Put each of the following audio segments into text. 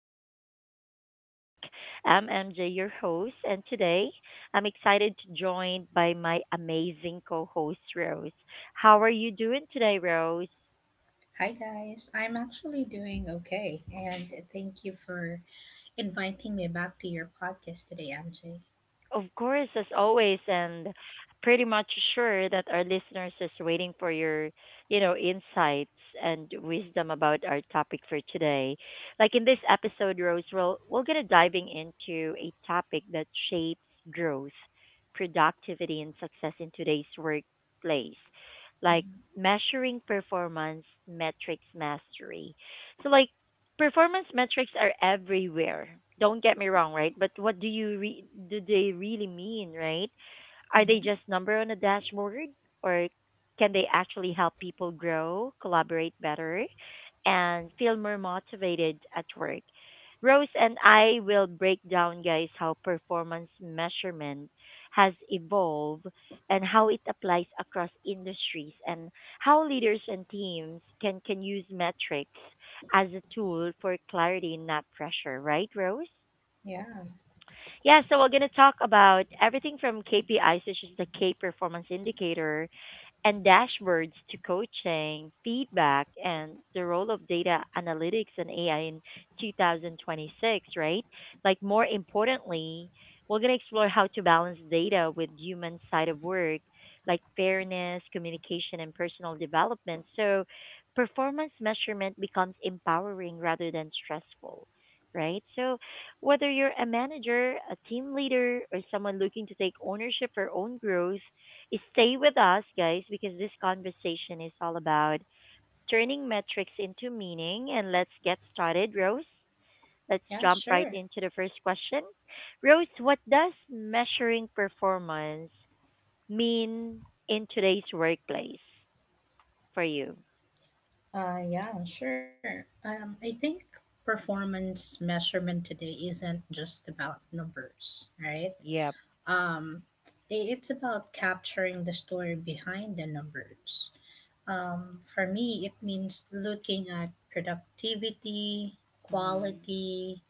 again. We're back. I'm MJ, your host, and today I'm excited to joined by my amazing co-host Rose. How are you doing today, Rose? Hi guys, I'm actually doing okay, and thank you for inviting me back to your podcast today, MJ. Of course, as always, and pretty much sure that our listeners is waiting for your, insights and wisdom about our topic for today. Like in this episode, Rose, we're gonna diving into a topic that shapes growth, productivity, and success in today's workplace, like Mhm, measuring performance metrics mastery. So, like Performance metrics are everywhere. Don't get me wrong, right? But what do you re- do they really mean, right? Are they mhm. just number on a dashboard, or can they actually help people grow, collaborate better, and feel more motivated at work? Rose and I will break down, guys, how performance measurement has evolved and how it applies across industries and how leaders and teams can use metrics as a tool for clarity, not pressure, right, Rose? Yeah, Yeah, so we're going to talk about everything from KPIs, which is the K performance indicator, and dashboards to coaching, feedback, and the role of data analytics and AI in 2026, right? Like, more importantly, we're going to explore how to balance data with human side of work, like fairness, communication, and personal development. So, performance measurement becomes empowering rather than stressful. Right. So, whether you're a manager, a team leader, or someone looking to take ownership for own growth, stay with us, guys, because this conversation is all about turning metrics into meaning. And let's get started, Rose. Let's jump yeah, right into sure. the first question. Rose, what does measuring performance mean in today's workplace for you? Yeah, sure. I think performance measurement today isn't just about numbers, right? Yep, Um, it's about capturing the story behind the numbers. For me, it means looking at productivity, quality,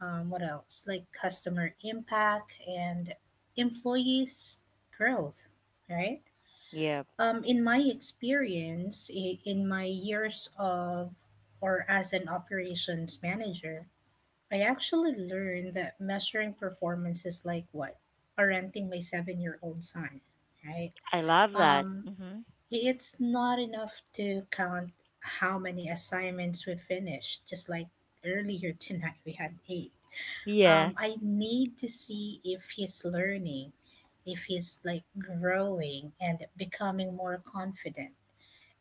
what else like customer impact and employees growth right yep. um, In my years of or as an operations manager, I actually learned that measuring performance is like what parenting my 7 year old son, right? I love that. um, Hmm. it's not enough to count how many assignments we finished. Just like earlier tonight we had eight. Yeah, I need to see if he's learning, if he's like growing and becoming more confident.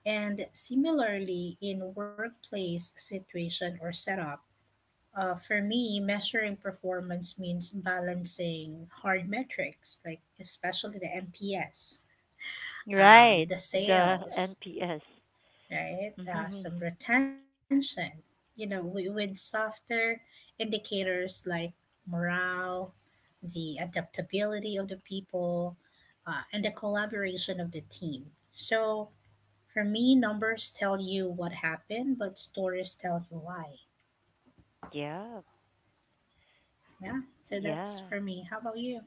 And similarly, in workplace situation or setup, for me, measuring performance means balancing hard metrics, like especially the MPS, right. the The sales, NPS. right? Hmm. Some retention. With softer indicators like morale, the adaptability of the people, and the collaboration of the team. So for me, numbers tell you what happened, but stories tell you why. Yeah. Yeah, so that's Yeah. for me. How about you?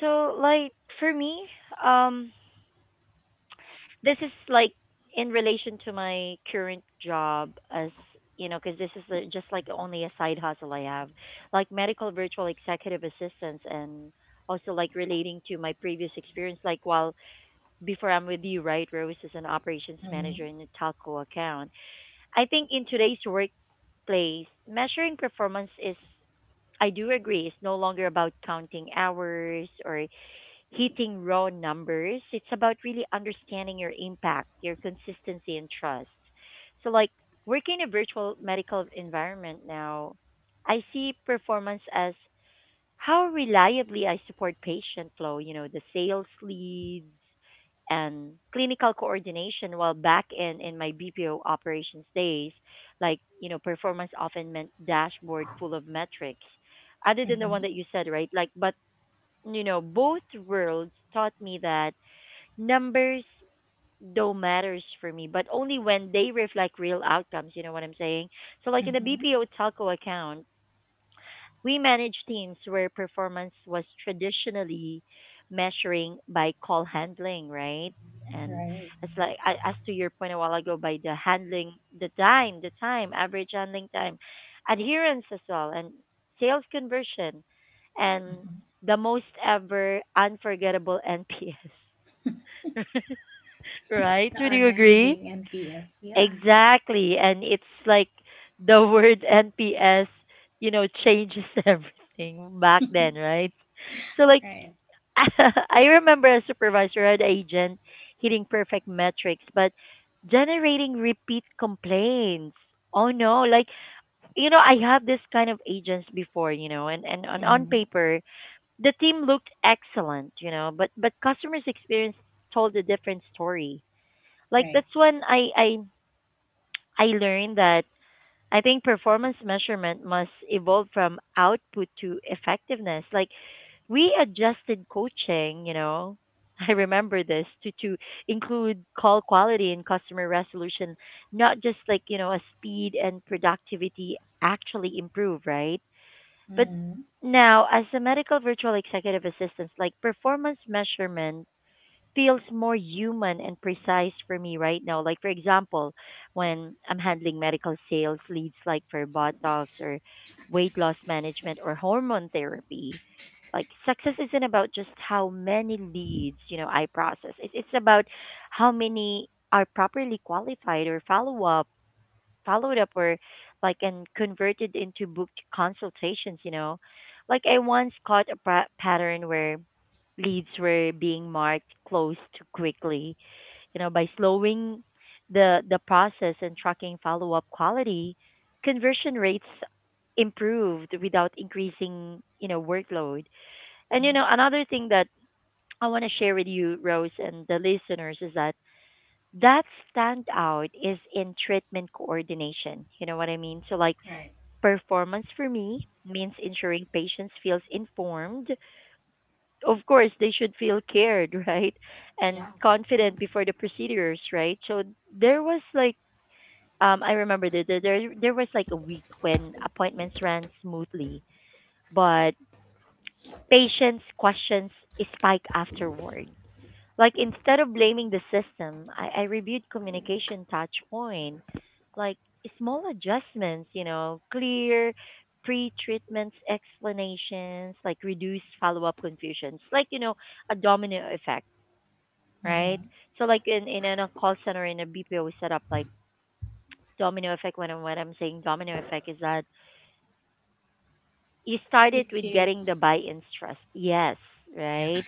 So for me, um, this is like in relation to my current job as because this is a, just like only a side hustle I have like medical virtual executive assistants and also like relating to my previous experience like while before I'm with you right rose is an operations Mm-hmm. manager in a telco account I think in today's workplace measuring performance is I do agree it's no longer about counting hours or hitting raw numbers. It's about really understanding your impact, your consistency, and trust. So, like, working in a virtual medical environment now, I see performance as how reliably I support patient flow, the sales leads and clinical coordination. While back in my BPO operations days, performance often meant dashboard full of metrics. Other than the one Mm-hmm. that you said, right? Like, but both worlds taught me that numbers don't matters for me, but only when they reflect real outcomes, you know what I'm saying? So like in the Mm-hmm. BPO telco account, we managed teams where performance was traditionally measuring by call handling, right? And Right. it's like as to your point a while ago by the handling, average handling time, adherence as well, and sales conversion, and Mm-hmm. the most ever unforgettable NPS. Right? The Would you agree? unending NPS. Yeah, Exactly. And it's like the word NPS, you know, changes everything back then, right? So, like, right. I remember a supervisor had agent hitting perfect metrics, but generating repeat complaints. Oh no, I have this kind of agents before, and on Mm-hmm. paper, the team looked excellent, but customers' experience told a different story. Like, Right. that's when I learned that I think performance measurement must evolve from output to effectiveness. Like we adjusted coaching, I remember this to include call quality and customer resolution, not just a speed and productivity actually improve, right? But Mm-hmm. now as a medical virtual executive assistant, like performance measurement feels more human and precise for me right now. Like for example, when I'm handling medical sales leads like for Botox or weight loss management or hormone therapy, like success isn't about just how many leads, I process. It's about how many are properly qualified or followed up or and converted into booked consultations, you know. Like I once caught a pattern where leads were being marked closed too quickly. You know, by slowing the process and tracking follow up quality, conversion rates improved without increasing, workload. And Mm-hmm. another thing that I want to share with you, Rose, and the listeners is that standout is in treatment coordination. You know what I mean? So like Right. performance for me means ensuring patients feels informed, of course they should feel cared, right, and Yeah. confident before the procedures, right? So there was like, I remember that there was like a week when appointments ran smoothly, but patients' questions spike afterward. Like instead of blaming the system, I reviewed communication touch point, like small adjustments, you know, clear pre-treatments explanations, like reduce follow-up confusions, like you know, a domino effect, right? Mm-hmm. So like a call center in a BPO setup, like domino effect. When I'm saying domino effect is that you started It with getting the hits. buy-in's trust, yes, Yeah. right?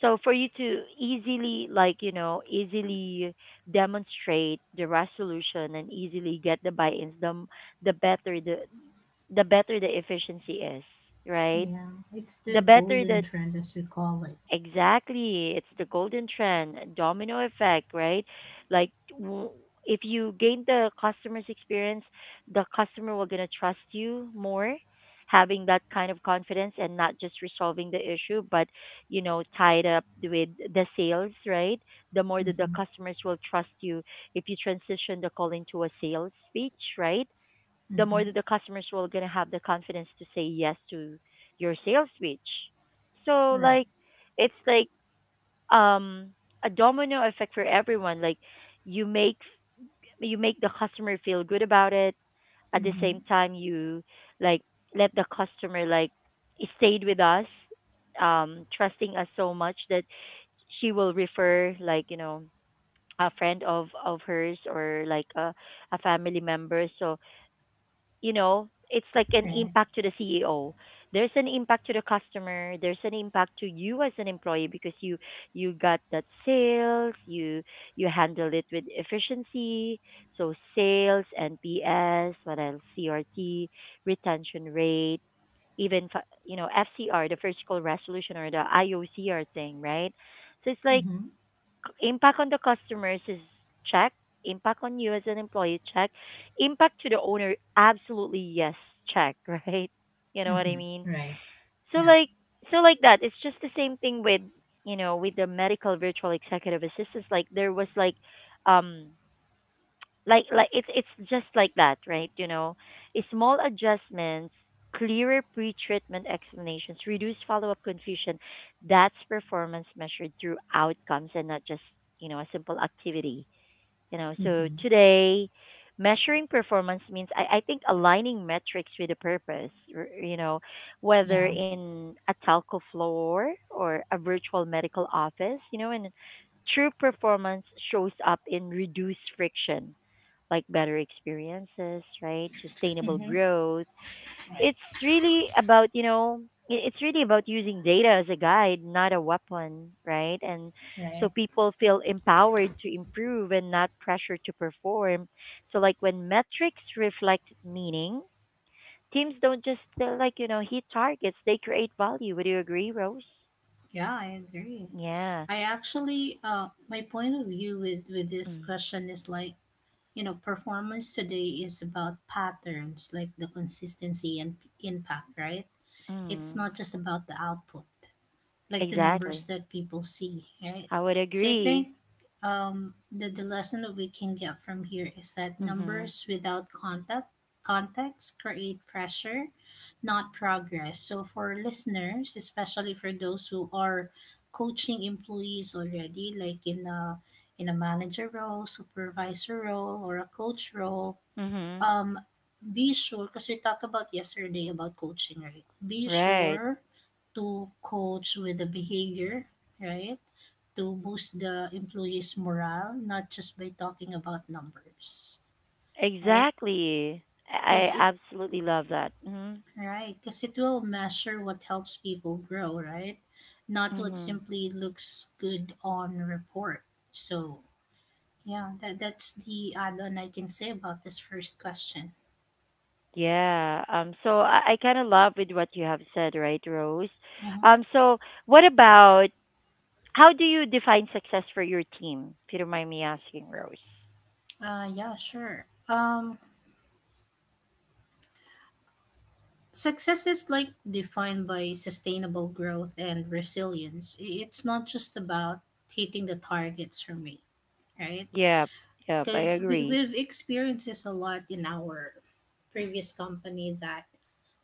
So for you to easily easily demonstrate the resolution and easily get the buy-ins the better the the better the efficiency is, right? Yeah, it's the the better the golden trend as we call it. Exactly. It's the golden trend, domino effect, right? Like w- if you gain the customer's experience, the customer will gonna trust you more, having that kind of confidence and not just resolving the issue, but you know, tied up with the sales, right? The more that the Mm-hmm. customers will trust you if you transition the call into a sales speech, right? The more Mm-hmm. that the customers will gonna have the confidence to say yes to your sales pitch. So like Right. it's like um a domino effect for everyone. Like you make you make the customer feel good about it. At the Mm-hmm. same time you like let the customer stayed with us, trusting us so much that she will refer like, you know, a friend of hers or like a family member. So you know, it's like an Right. impact to the CEO. There's an impact to the customer. There's an impact to you as an employee because you got that sales. You handle it with efficiency. So sales, NPS, what else? CRT, retention rate, even you know FCR, the first call resolution or the IOCR thing, right? So it's like Mm-hmm. impact on the customers is check. Impact on you as an employee, check. Impact to the owner, absolutely yes, check, right? You know what I Mm-hmm. mean? Right. So Yeah. like so like that. It's just the same thing with you know, with the medical virtual executive assistants. Like there was like um it's just like that right you know. Eh, small adjustments, clearer pre-treatment explanations reduce follow-up confusion. That's performance measured through outcomes and not just you know a simple activity you know. So Mm-hmm. today measuring performance means I think aligning metrics with a purpose you know, whether Yeah. in a telco floor or a virtual medical office you know, and true performance shows up in reduced friction, like better experiences, right? Sustainable Mm-hmm. growth. It's Right. really about, you know, it's really about using data as a guide, not a weapon, right? And so Right. people feel empowered to improve and not pressure to perform. So like when metrics reflect meaning, teams don't just hit targets, they create value. Would you agree, Rose? Yeah, I agree. Yeah. I actually, my point of view with this Mm. question is like, you know, performance today is about patterns, like the consistency and impact, right? It's Mm. not just about the output, like the numbers Exactly. that people see, right? I would So I agree. think the lesson that we can get from here is that Mhm. numbers without contact context create pressure, not progress. So for listeners, especially for those who are coaching employees already, like in a manager role, supervisor role, or a coach role, Mhm. um, be sure, because we talked about yesterday about coaching, right? Be Right. sure to coach with the behavior, right? To boost the employees' morale, not just by talking about numbers, right? Exactly. Because I it, absolutely love that. Hmm. right? Because it will measure what helps people grow, right? Not what Hmm. simply looks good on report. So yeah, that's the add-on I can say about this first question. Yeah. So I kind of love with what you have said, right, Rose? Mm-hmm. So what about how do you define success for your team? If you don't mind me asking, Rose. Uh, yeah, sure. Um, Success is like defined by sustainable growth and resilience. It's not just about hitting the targets for me, right? Yep. Yep. I Because agree. we've experienced this a lot in our previous company that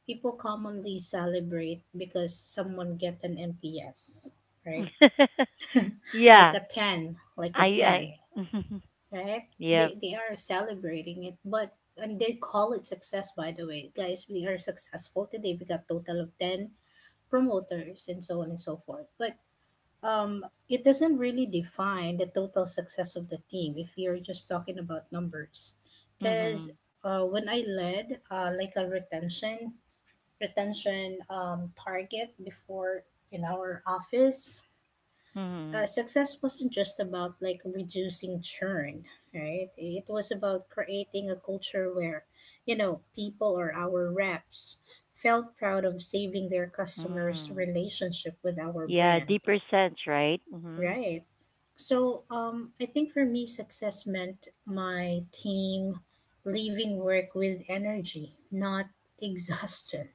people commonly celebrate because someone get an NPS, right? Like Yeah. a 10, like a I. 10, I. right? Yep. They are celebrating it, but and they call it success. By the way guys, we are successful today, we got total of 10 promoters and so on and so forth. But it doesn't really define the total success of the team if you're just talking about numbers. Because Mhm. When I led like a retention target before in our office, Mhm. success wasn't just about like reducing churn, right? It was about creating a culture where you know people or our reps felt proud of saving their customers Mhm. relationship with our Yeah. brand, Deeper sense, right? Mhm. right? So I think for me success meant my team leaving work with energy, not exhaustion,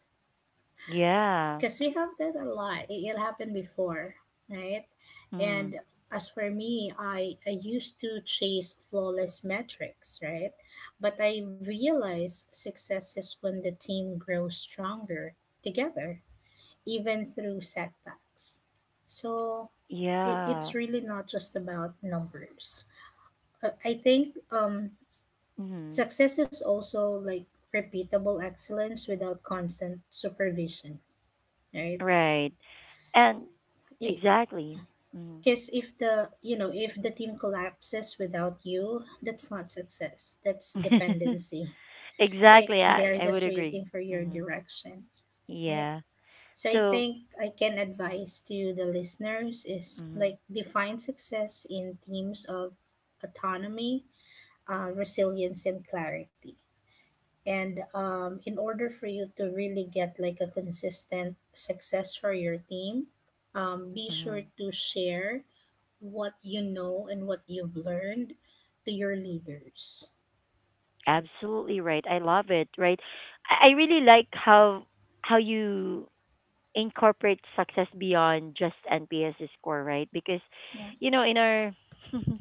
Yeah. because we have that a lot. It happened before, right? Mhm. And as for me, I used to chase flawless metrics, right? But I realize success is when the team grows stronger together, even through setbacks. So it's Yeah. really not just about numbers. I think Mhm. success is also like repeatable excellence without constant supervision, right? Right. And exactly. Mhm. Because if the you know, if the team collapses without you, that's not success. That's dependency. Like Exactly. They're I would just agree. waiting for your Mhm. direction, right? Yeah. So I So, think I can advise to the listeners is mhm. like define success in themes of autonomy, resilience, and clarity. And in order for you to really get like a consistent success for your team, be sure Mhm. to share what you know and what you've learned to your leaders. Absolutely right. I love it. Right. I really like how you incorporate success beyond just NPS score, right? Because Yeah. you know, in our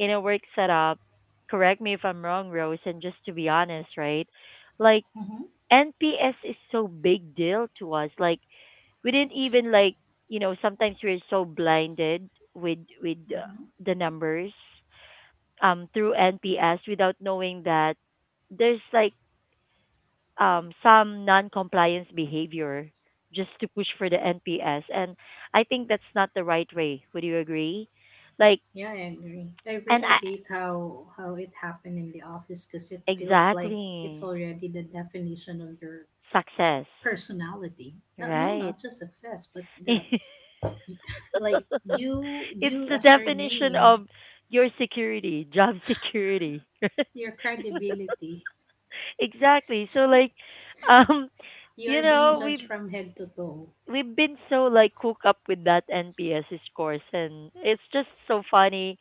in our work setup, correct me if I'm wrong, Rose, and just to be honest, right? Like Mm-hmm. NPS is so big deal to us. Like we didn't even like you know sometimes we're so blinded with Huh. the numbers through NPS without knowing that there's like some non-compliance behavior just to push for the NPS and I think that's not the right way. Would you agree? Like Yeah, I agree. I and really I, hate how it happened in the office because it feels like it's exactly, already the definition of your success, personality. Not No, right? not just success, but the like It's you the as your definition of name, your security, job security. your credibility. Exactly. So like um You you are being know, judged we from head to toe. we've been so like cooked up with that NPS scores, and it's just so funny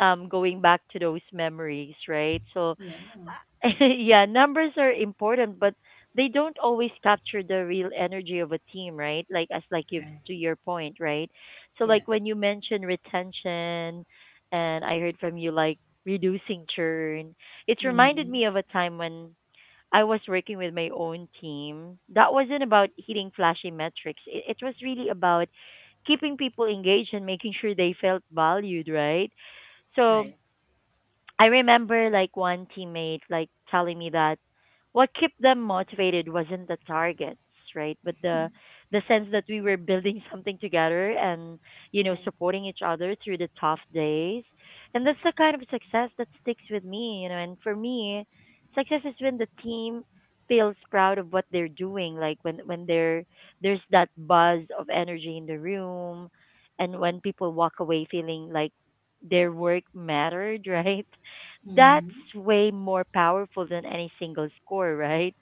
going back to those memories, right? So Yeah. yeah, numbers are important, but they don't always capture the real energy of a team, right? Like as like you've Okay. to your point, right? So like Yeah. when you mentioned retention and I heard from you like reducing churn, it reminded me Mm. of a time when I was working with my own team. That wasn't about hitting flashy metrics. It was really about keeping people engaged and making sure they felt valued, right? So Right. I remember like one teammate like telling me that what kept them motivated wasn't the targets, right? But the sense that we were building something together and, you know, Yeah. supporting each other through the tough days. And that's the kind of success that sticks with me, you know, and for me, success is when the team feels proud of what they're doing, like when there's that buzz of energy in the room, and when people walk away feeling like their work mattered, right? That's Mm-hmm. way more powerful than any single score, right?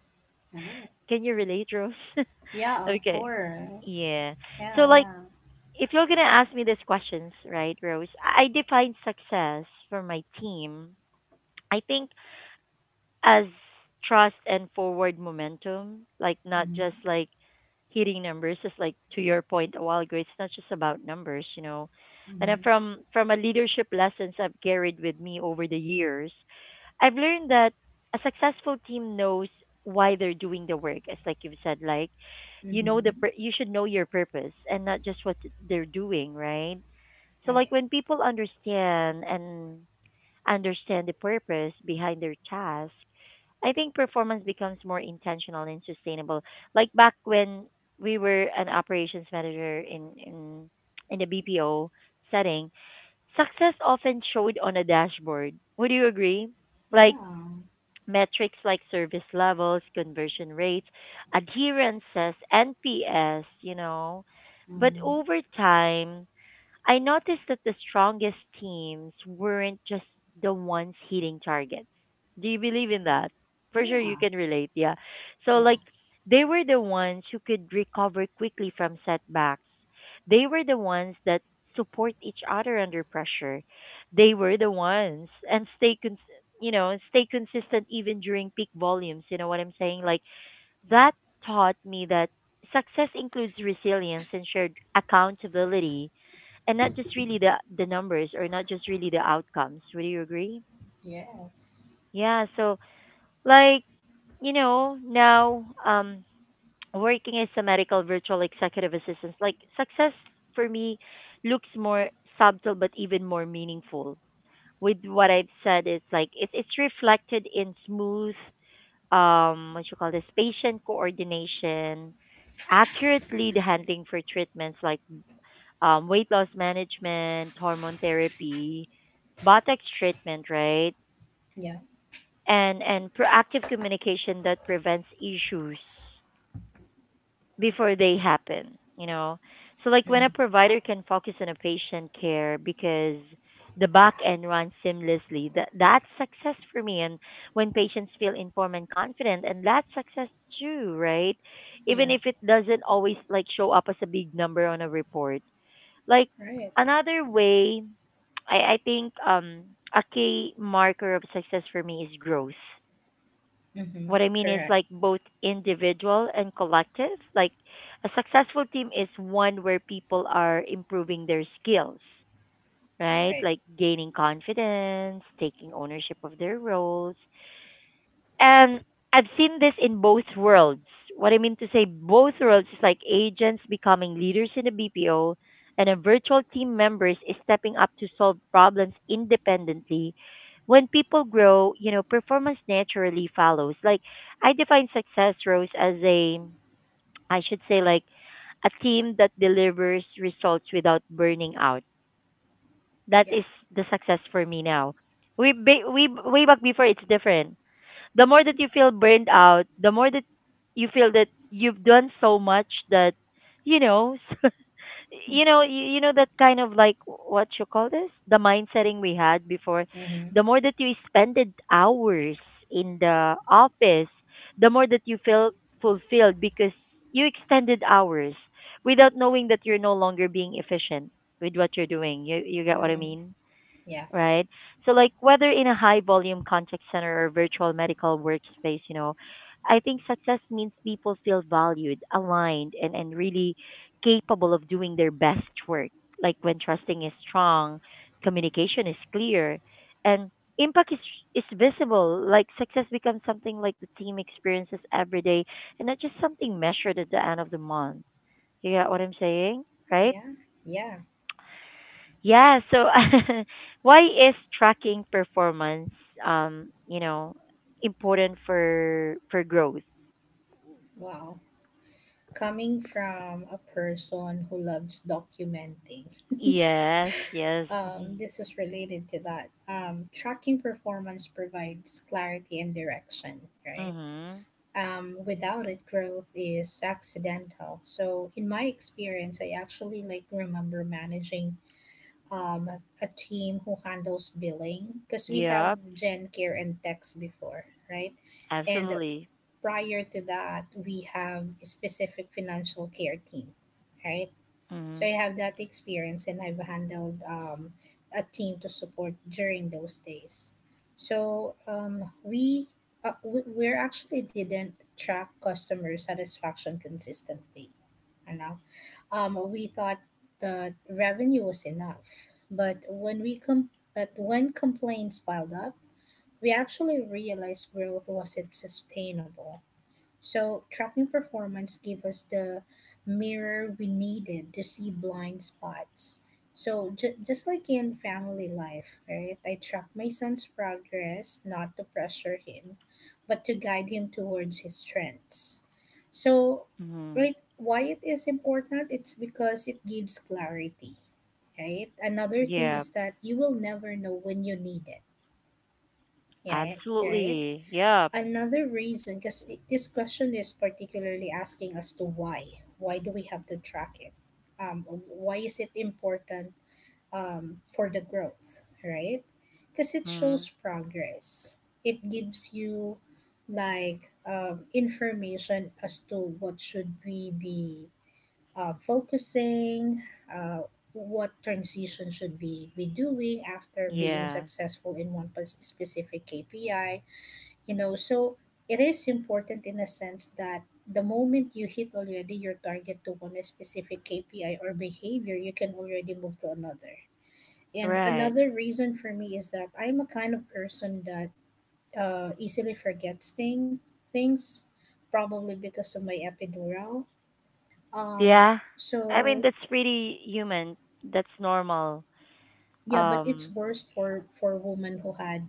Right. Can you relate, Rose? Yeah, of Okay. course. Yeah. So Yeah, like yeah. if you're gonna ask me these questions, right, Rose, I define success for my team. I think as trust and forward momentum, like not just Mhm. like hitting numbers, just like to your point a while ago, it's not just about numbers, you know. And then Mhm. from a leadership lessons I've carried with me over the years, I've learned that a successful team knows why they're doing the work. As like you've said, like you know Mhm. You should know your purpose, and not just what they're doing, right? So like Right. when people understand the purpose behind their task, I think performance becomes more intentional and sustainable. Like back when we were an operations manager in the BPO setting, success often showed on a dashboard. Would you agree? Like Yeah. metrics like service levels, conversion rates, adherences, NPS, you know. But Mhm. over time, I noticed that the strongest teams weren't just the ones hitting targets. Do you believe in that? For sure, you Yeah. can relate. Yeah. So, Yeah. like, they were the ones who could recover quickly from setbacks. They were the ones that support each other under pressure. They were the ones and you know, stay consistent even during peak volumes. You know what I'm saying? Like, Yeah. that taught me that success includes resilience and shared accountability, and not just really the numbers, or not just really the outcomes. Would you agree? Yes. Yeah. So like you know now working as a medical virtual executive assistant, like success for me looks more subtle but even more meaningful. With what I've said, it's like it's reflected in smooth what you call this patient coordination, accurate lead handling for treatments like weight loss management, hormone therapy, botox treatment, right? Yeah. And proactive communication that prevents issues before they happen, you know. So like when a Mhm. provider can focus on a patient care because the back end runs seamlessly, that's success for me. And when patients feel informed and confident, and that's success too, right? Even Yeah. if it doesn't always like show up as a big number on a report, like Right. another way, I think a key marker of success for me is growth. Mhm. What I mean is Correct. like both individual and collective. Like a successful team is one where people are improving their skills, right? Right. Like gaining confidence, taking ownership of their roles, and I've seen this in both worlds. What I mean to say, both worlds is like agents becoming leaders in the BPO, and a virtual team members is stepping up to solve problems independently. When people grow, you know, performance naturally follows. Like I define success, Rose, as a, I should say like a team that delivers results without burning out. That Yeah. is the success for me now. We, way back before, it's different. The more that you feel burned out, the more that you feel that you've done so much that you know, you know, you know that kind of like what you call this, the mind setting we had before. The Mhm. more that you spended hours in the office, the more that you feel fulfilled because you extended hours without knowing that you're no longer being efficient with what you're doing. You get what I Mhm. mean? Yeah. Right? So like whether in a high volume contact center or virtual medical workspace, you know, I think success means people feel valued, aligned, and really capable of doing their best work. Like when trusting is strong, communication is clear, and impact is visible. Like success becomes something like the team experiences every day, and not just something measured at the end of the month. You get what I'm saying, right? Yeah. Yeah. Yeah, so why is tracking performance, you know, important for growth? Wow. Coming from a person who loves documenting, Yes, yes. Mhm. this is related to that. Tracking performance provides clarity and direction, right? Mhm. Without it, growth is accidental. So in my experience, I actually like remember managing um, a team who handles billing because we have Yep, gen care and tax before, right? And absolutely. prior to that, we have a specific financial care team, right? So I Mhm. have that experience and I've handled a team to support during those days. So we we're actually didn't track customer satisfaction consistently. You know, we thought the revenue was enough, but but when complaints piled up, we actually realized growth wasn't sustainable. So tracking performance gave us the mirror we needed to see blind spots. So just like in family life, right? I track my son's progress not to pressure him, but to guide him towards his strengths. So Mhm. right, why it is important? It's because it gives clarity, right? Another thing Yep, is that you will never know when you need it, yeah, right? absolutely. Yep. Another reason, because this question is particularly asking as to why. Why do we have to track it? Why is it important for the growth, right? Because it shows Mhm. progress. It gives you like information as to what should we be focusing, what transition should be we doing after being Yeah. successful in one specific KPI, you know. So it is important in a sense that the moment you hit already your target to one specific KPI or behavior, you can already move to another. And Right. another reason for me is that I'm a kind of person that easily things, probably because of my epidural. um, Yeah. I mean, so that's pretty human. That's normal. yeah, but it's Um worst for women who had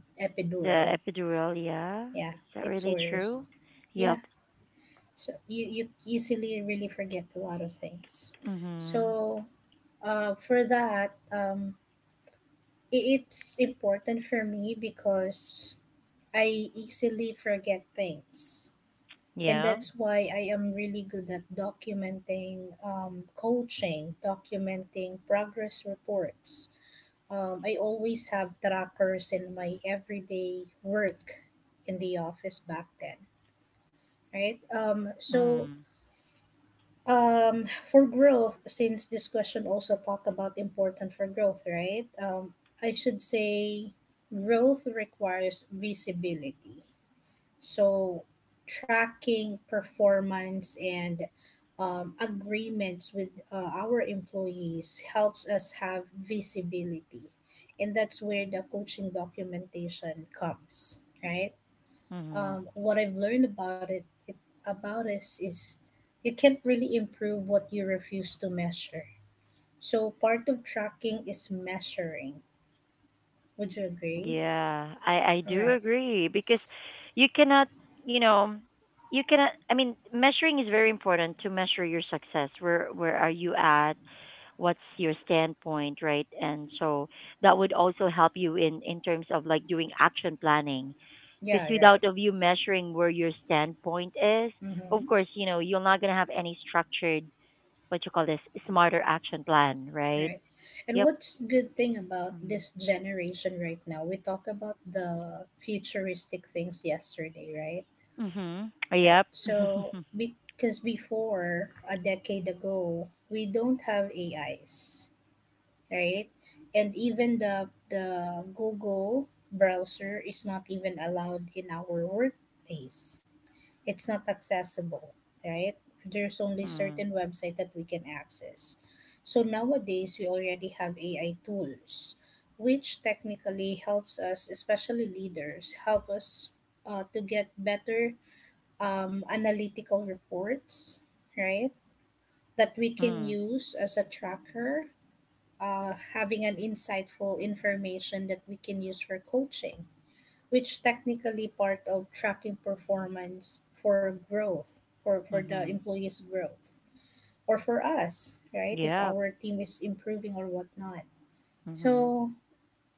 the epidural. epidural, yeah. Yeah, Is that it's really worst. true? Yeah. Yep. So you easily really forget a lot of things. Mhm. So for that, it's important for me because I easily forget things. And Yeah. that's why I am really good at documenting, coaching, documenting progress reports. I always have trackers in my everyday work in the office back then, right? Mm. For growth, since this question also talk about important for growth, right? I should say growth requires visibility. So tracking performance and agreements with our employees helps us have visibility. And that's where the coaching documentation comes, right? Mhm. What I've learned about it, it about us is you can't really improve what you refuse to measure. So part of tracking is measuring. Would you agree? Yeah. I do Right. agree because you cannot, you know, you cannot I mean, measuring is very important to measure your success. Where are you at? What's your standpoint, right? And so that would also help you in terms of like doing action planning, because Yeah. Right. without of you measuring where your standpoint is, of Mm-hmm. course, you know, you're not going to have any structured what you call this smarter action plan, right? Right. And Yep. what's good thing about Mm. this generation right now? We talk about the futuristic things yesterday, right? Mhm. Right. Yep. So because before a decade ago, we don't have AIs, right? And even the Google browser is not even allowed in our workplace. It's not accessible, right? There's only Mm. certain website that we can access. So nowadays we already have AI tools, which technically helps us, especially leaders, help us to get better analytical reports, right? That we can Mm. use as a tracker, having an insightful information that we can use for coaching, which technically part of tracking performance for growth, for the Mhm. employee's growth, or for us, right? If Yep. our team is improving or whatnot. Mhm. So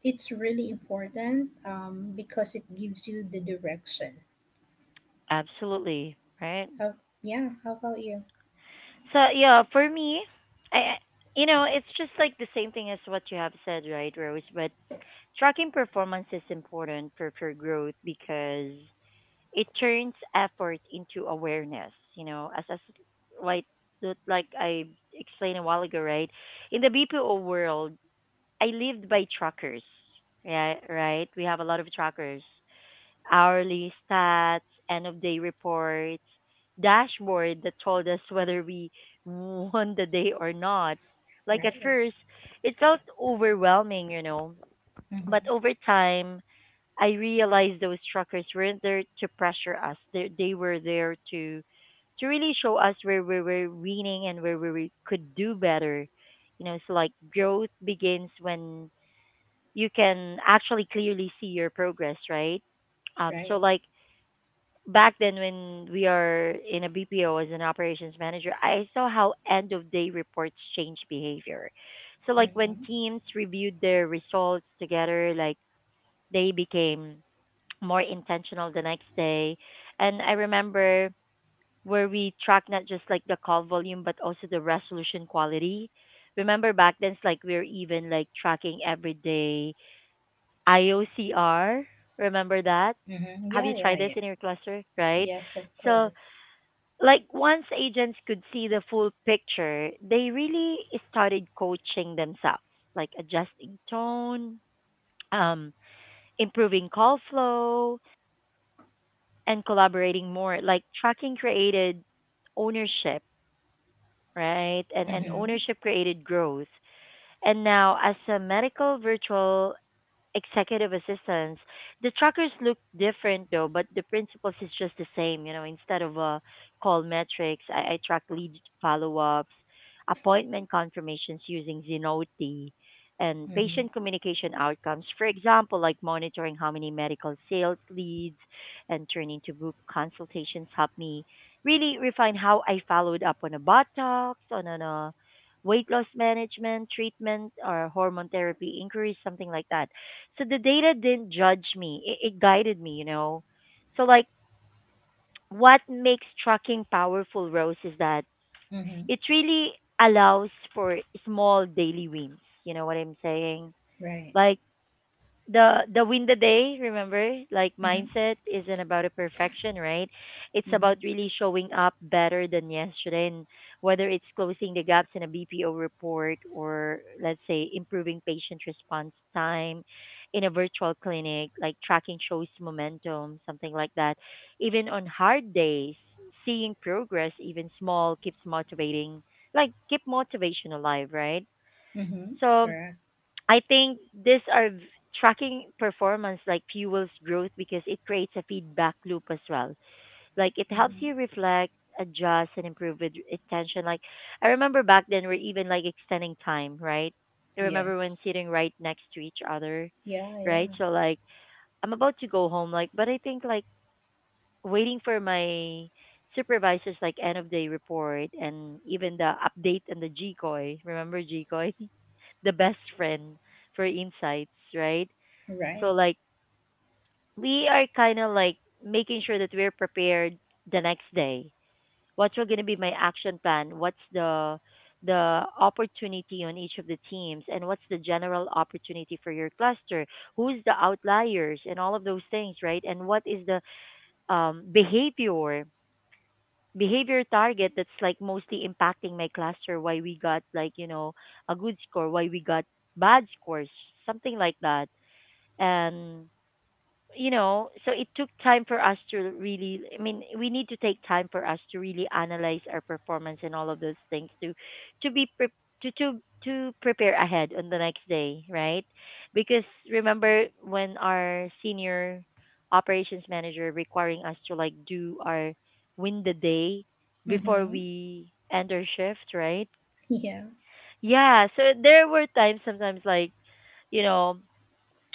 it's really important, because it gives you the direction. Absolutely. Right. How, yeah, how about you? So yeah, for me, I I- you know, it's just like the same thing as what you have said, right, Rose? But tracking performance is important for growth because it turns effort into awareness. You know, as like I explained a while ago, right? In the BPO world, I lived by trackers. Yeah, right. We have a lot of trackers. Hourly stats, end of day reports, dashboard that told us whether we won the day or not. Like at Right. first, it felt overwhelming, you know. But Mm-hmm. over time, I realized those trackers weren't there to pressure us. They were there to really show us where we were winning and could do better. You know, so like growth begins when you can actually clearly see your progress, right? So Right. like back then when we are in a BPO as an operations manager, I saw how end of day reports change behavior. So like when Mm-hmm. teams reviewed their results together, like they became more intentional the next day. And I remember where we track not just like the call volume but also the resolution quality. Remember back then it's like we are even like tracking every day IOCR. Remember that? Mm-hmm. Have Yeah, you tried yeah, this in yeah. your cluster? Right? Yes, of So, course. like, once agents could see the full picture, they really started coaching themselves, like adjusting tone, um, improving call flow, and collaborating more. Like, tracking created ownership, right? And, Mm-hmm. ownership created growth. And now, as a medical virtual executive assistants. The trackers look different though, but the principles is just the same. You know, instead of call metrics, I track lead follow ups, appointment confirmations using Zenoti, and Mm-hmm. patient communication outcomes. For example, like monitoring how many medical sales leads and turning to book consultations helped me really refine how I followed up on a Botox, on a weight loss management, treatment, or hormone therapy inquiries, something like that. So the data didn't judge me, it guided me, you know. So like what makes trucking powerful, Rose, is that Mm-hmm. it really allows for small daily wins, you know what I'm saying, Right. like the win the day, remember, like Mhm. mindset isn't about a perfection, right? It's about Mhm. really showing up better than yesterday, and whether it's closing the gaps in a BPO report or let's say improving patient response time in a virtual clinic, like tracking shows momentum, something like that. Even on hard days, seeing progress, even small, keeps motivating, like keep motivation alive, right? Mhm. So Correct. I think these are tracking performance like fuels growth because it creates a feedback loop as well. Like it helps you Mhm. reflect, adjust, and improve with intention. Like I remember back then we're even like extending time, right? I remember when Yes. sitting right next to each other, Yeah. right? Yeah. So like I'm about to go home, like but I think like waiting for my supervisor's like end of day report and even the update and the GCOI. Remember GCOI? The best friend for insights, right? So Right. like we are kind of like making sure that we're prepared the next day. What's going to be my action plan? What's the opportunity on each of the teams, and what's the general opportunity for your cluster? Who's the outliers and all of those things, right? And what is the um, behavior behavior target that's like mostly impacting my cluster? Why we got like a good score? Why we got bad scores? Something like that. And so it took time for us to really, I mean, we need to take time for us to really analyze our performance and all of those things to to be pre- to to to prepare ahead on the next day, right? Because remember when our senior operations manager requiring us to like do our win the day before Mhm. we end our shift, right? Yeah. Yeah, so there were times sometimes like you know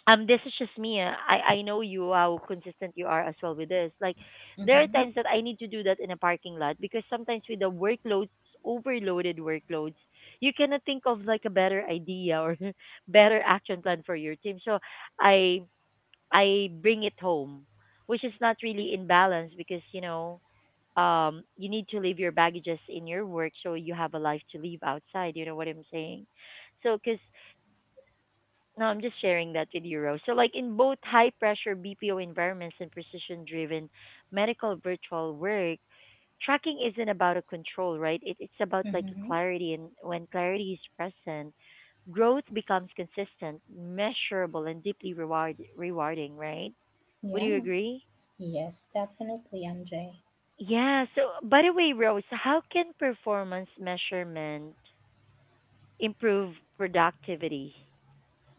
this is just me. I know you, how consistent you are as well with this, like there are Mhm. times that I need to do that in a parking lot, because sometimes with the workloads, overloaded workloads, you cannot think of like a better idea or better action plan for your team. So i I bring it home, which is not really in balance, because you need to leave your baggages in your work, so you have a life to live outside. You know what I'm saying? So because no, I'm just sharing that with you, Rose. So, like, in both high pressure BPO environments and precision driven medical virtual work, tracking isn't about a control, right? It's about like a Mhm. clarity. And when clarity is present, growth becomes consistent, measurable, and deeply rewarding, right? Would you Yeah. agree? Yes. Definitely, MJ. Yeah. So, by the way, Rose, how can performance measurement improve productivity?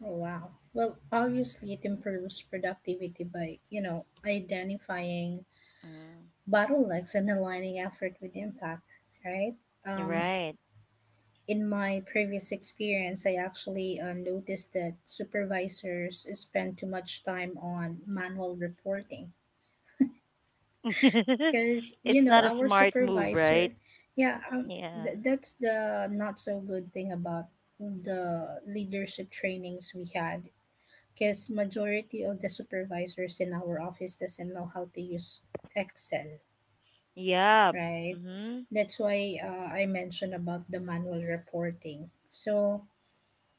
Oh, wow. Well, obviously, it improves productivity by you know identifying Mm, bottlenecks and aligning effort with impact. Right. you're Um, right. in my previous experience, I actually noticed that supervisors spend too much time on manual reporting because It's you know not a our smart move, right? supervisor. Yeah. That's the not so good thing about the leadership trainings we had, because majority of the supervisors in our office doesn't know how to use Excel, Yep. right? Mhm. That's why I mentioned about the manual reporting. So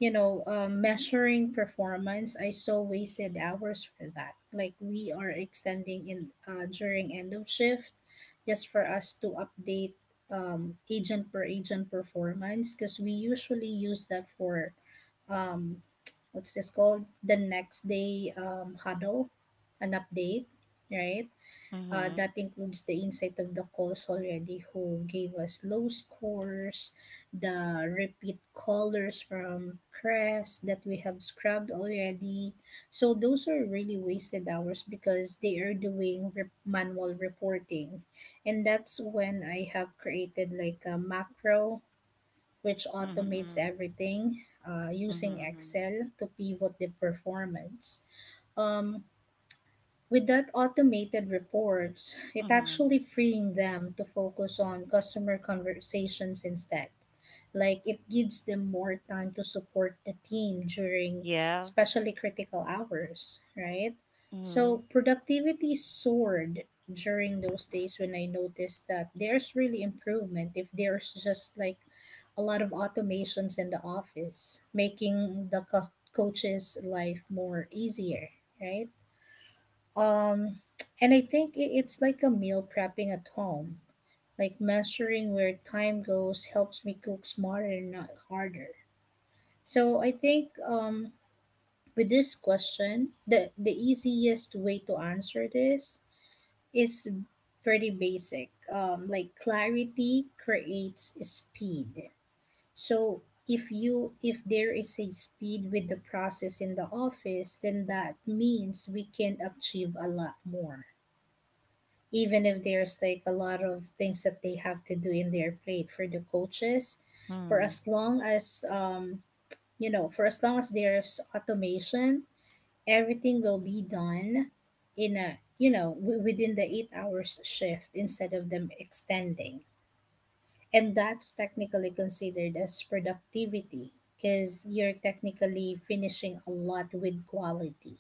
you know, measuring performance, I saw wasted hours for that. Like we are extending in during end of shift, just for us to update agent per agent performance, because we usually use that for um, what's this called the next day huddle, an update, right? Mhm. That includes the insight of the calls already who gave us low scores, the repeat callers from Crest that we have scrubbed already. So those are really wasted hours because they are doing manual reporting. And that's when I have created like a macro which Mhm. automates Mhm. everything using Mhm. Excel to pivot the performance. Um, with that automated reports, it Mhm. actually Mhm. freeing them to focus on customer conversations instead. Like it gives them more time to support the team during Yeah. especially critical hours, right? So Mhm. productivity soared during those days when I noticed that there's really improvement if there's just like a lot of automations in the office, making the coach's life more easier, right? Um, and I think it's like a meal prepping at home. Like measuring where time goes helps me cook smarter, not harder. So I think with this question, the easiest way to answer this is pretty basic. Like clarity creates speed. So if there is a speed with the process in the office, then that means we can achieve a lot more even if there's like a lot of things that they have to do in their plate for the coaches for Mhm. as long as for as long as there's automation, everything will be done in a within the 8 hours shift instead of them extending. And that's technically considered as productivity because you're technically finishing a lot with quality,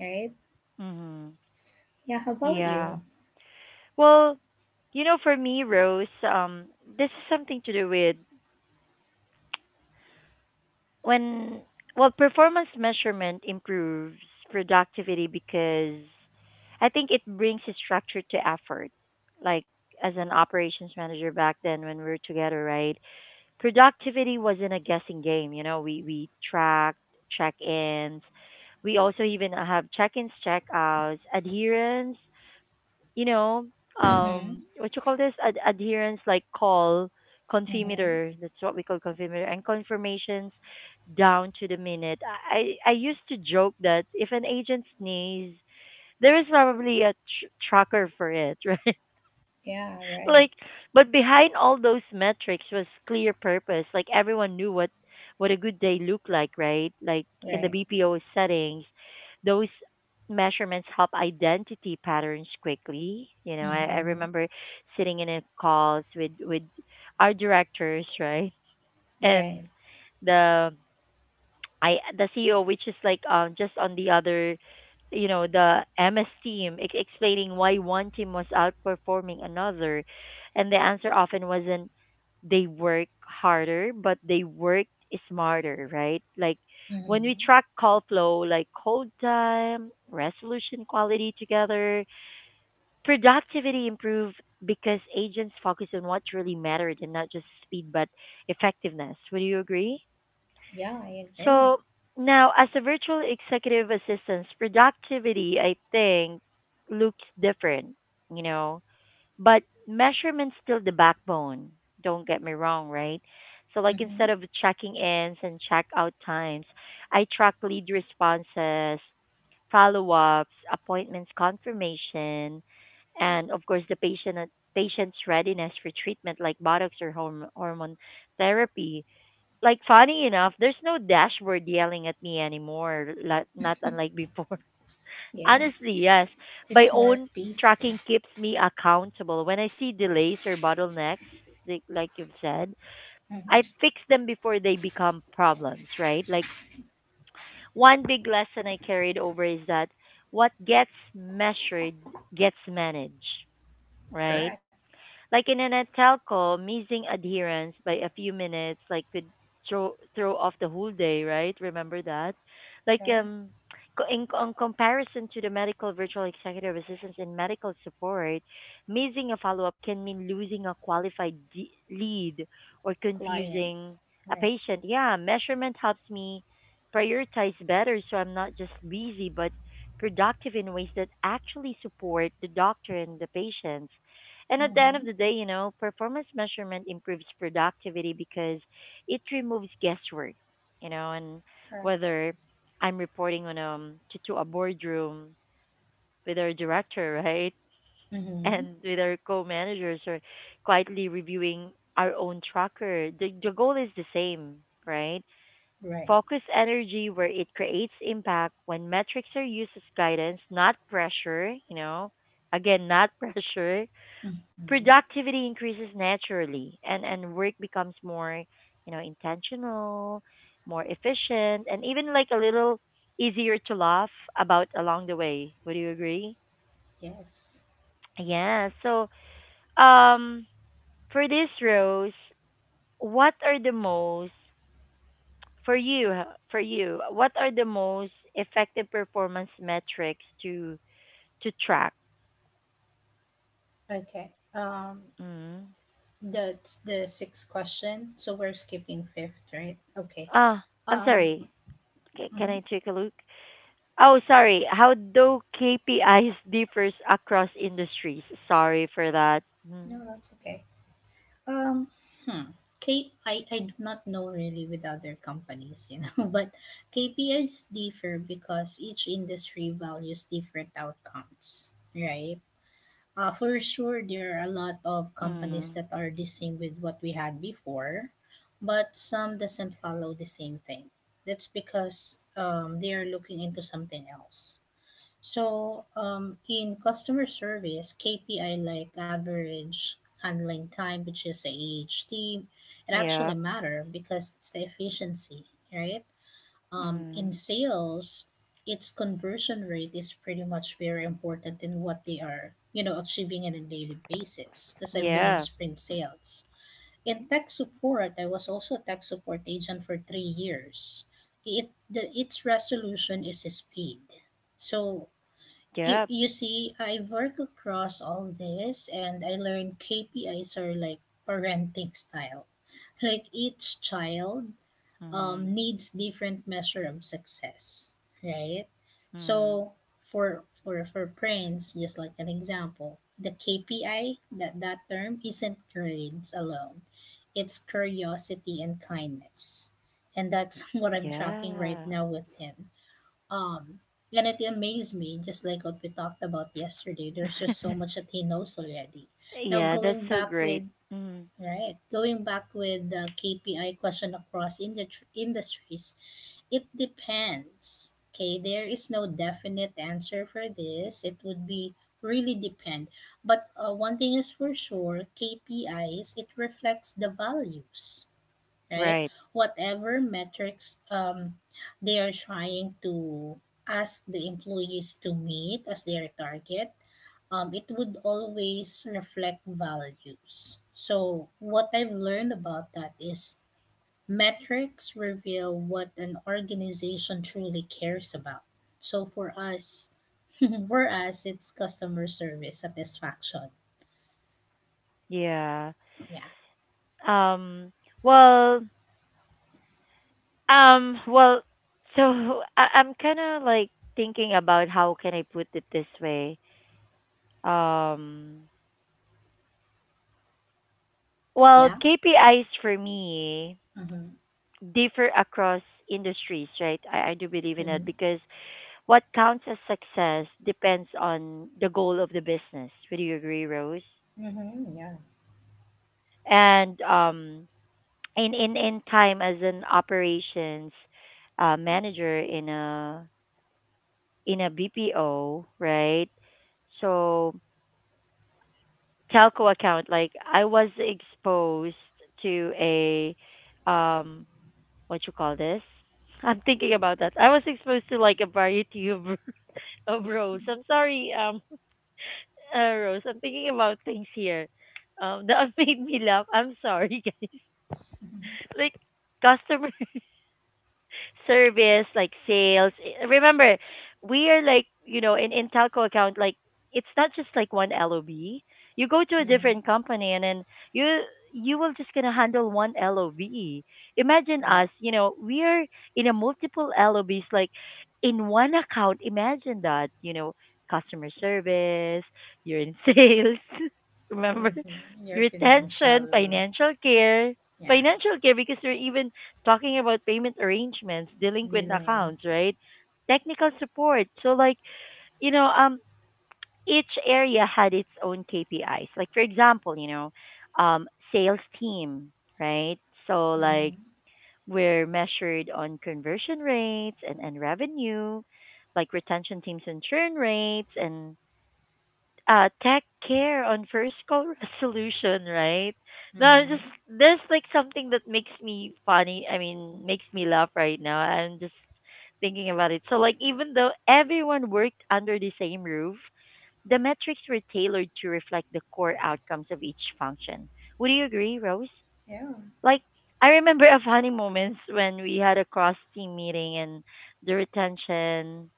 right? Mhm. Yeah, how about Yeah. you? Well, for me, Rose, this is something to do with when, well, performance measurement improves productivity because I think it brings a structure to effort. Like, as an operations manager back then when we were together, right? Productivity wasn't a guessing game, you know, we tracked check ins. We also even have check ins, check outs, adherence, you know, Mm-hmm. What you call this, adherence, like call Mm-hmm. confirmator. That's what we call confirmator, and confirmations, down to the minute. I used to joke that if an agent sneeze, there is probably a tracker for it, right? Yeah, right. Like, but behind all those metrics was clear purpose. Like, everyone knew what a good day looked like, right? Like, in the Right. BPO settings, those measurements help identity patterns quickly. You know, I Mm-hmm. remember sitting in a calls with our directors, right? Right. And the I the CEO, which is like just on the other, you know, the MS team, explaining why one team was outperforming another, and the answer often wasn't they work harder, but they work smarter, right? Like, when we Mm-hmm. track call flow, like hold time, resolution quality together, productivity improved because agents focus on what really mattered, and not just speed but effectiveness. Would you agree? Yeah, I agree. So now, as a virtual executive assistant, productivity, I think, looks different, you know, but measurement's still the backbone. Don't get me wrong, right? So, like, Mm-hmm. instead of checking ins and check out times, I track lead responses, follow ups, appointments confirmation, and of course, the patient's readiness for treatment like botox or hormone therapy. Like, funny enough, there's no dashboard yelling at me anymore, not unlike before. Yeah, Honestly, yes. My it's more own peaceful. tracking keeps me accountable. When I see delays or bottlenecks, like you've said, I Mm-hmm. fix them before they become problems, right? Like, one big lesson I carried over is that what gets measured gets managed, right? Correct. Like, in a telco, missing adherence by a few minutes like could throw off the whole day, right? Remember that? Like Right. In on comparison to the medical virtual executive assistants in medical support, missing a follow-up can mean losing a qualified lead or Clients. confusing a Right. patient. Yeah, measurement helps me prioritize better so I'm not just busy but productive in ways that actually support the doctor and the patients. And at the end Mm-hmm. of the day, you know, performance measurement improves productivity because it removes guesswork, you know, and Correct. whether I'm reporting on to a boardroom with our director, right? Mm-hmm. And with our co-managers, or quietly reviewing our own tracker, the goal is the same, right? Right. Focus energy where it creates impact. When metrics are used as guidance, not pressure, you know, again, not pressure, Mm-hmm. productivity increases naturally, and work becomes more, you know, intentional, more efficient, and even like a little easier to laugh about along the way. Would you agree? Yes. Yeah. So um for this, Rose, what are the most, for you, for you, what are the most effective performance metrics to track? Okay. Mm. That's the sixth question. So we're skipping fifth, right? Okay. Ah, I'm Um. sorry. Can Mm-hmm. I take a look? Oh, sorry. How do KPIs differs across industries? Sorry for that. Mm. No, that's okay. Um, hmm. I do not know really with other companies, you know, but KPIs differ because each industry values different outcomes, right? For sure, there are a lot of companies Mm. that are the same with what we had before, but some doesn't follow the same thing. That's because they are looking into something else. So, in customer service, KPI like average handling time, which is AHT, it actually Yeah. matter because it's the efficiency, right? Mm. In sales, its conversion rate is pretty much very important in what they are, you know, achieving on a daily basis. Because I've been in Yeah. sprint sales. In tech support, I was also a tech support agent for 3 years. It the Its resolution is speed. So you, Yep. you see, I work across all this and I learned KPIs are like parenting style. Like each child Mm. Needs different measure of success, right? Mm. So for Prince, just like an example, the KPI that term isn't grades alone. It's curiosity and kindness. And that's what I'm tracking right Yeah. now with him. Um, and it amazed me, just like what we talked about yesterday. There's just so much that he knows already. Now Yeah, that's going so back great. with Mm. Right, going back with the KPI question across industries, it depends. Okay, there is no definite answer for this. It would be really depend. But one thing is for sure, KPIs it reflects the values, right? Right. Whatever metrics they are trying to ask the employees to meet as their target, it would always reflect values. So, what I've learned about that is metrics reveal what an organization truly cares about. So, for us, for us, it's customer service satisfaction. Yeah. Yeah. Um well, well, so I'm kind of like thinking about how can I put it this way. Um well, Yeah. KPIs for me Mm-hmm. differ across industries, right? I do believe in Mm-hmm. it because what counts as success depends on the goal of the business. Would you agree, Rose? Mm-hmm. Yeah. And in time as an operations manager in a BPO, right? So, telco account, like I was exposed to a um, what you call this? I'm thinking about that. I was exposed to like a variety of Oh, Rose, I'm sorry, Rose, I'm thinking about things here, that made me laugh. I'm sorry, guys. Mm-hmm. Like, customers. Service, like sales. I- Remember, we are like, you know, in telco account, like it's not just like one LOB. You go to a Mm-hmm. different company and then you you will just gonna handle one LOB. Imagine All right. us, you know, we are in a multiple LOBs, like in one account. Imagine that, you know, customer service, you're in sales, remember? Mhm. Your Retention, financial, financial care. yeah, Financial care because you're even talking about payment arrangements, delinquent accounts, billings. right? Technical support. So like, you know, each area had its own KPIs. Like, for example, you know, um sales team, right? So like, Mhm. we're measured on conversion rates, and revenue, like retention teams and churn rates, and tech care on first call resolution, right? No, I'm just Mhm. there's like something that makes me funny. I mean, makes me laugh right now. I'm just thinking about it. So, like, even though everyone worked under the same roof, the metrics were tailored to reflect the core outcomes of each function. Would you agree, Rose? Yeah. Like, I remember a funny moments when we had a cross team meeting, and the retention,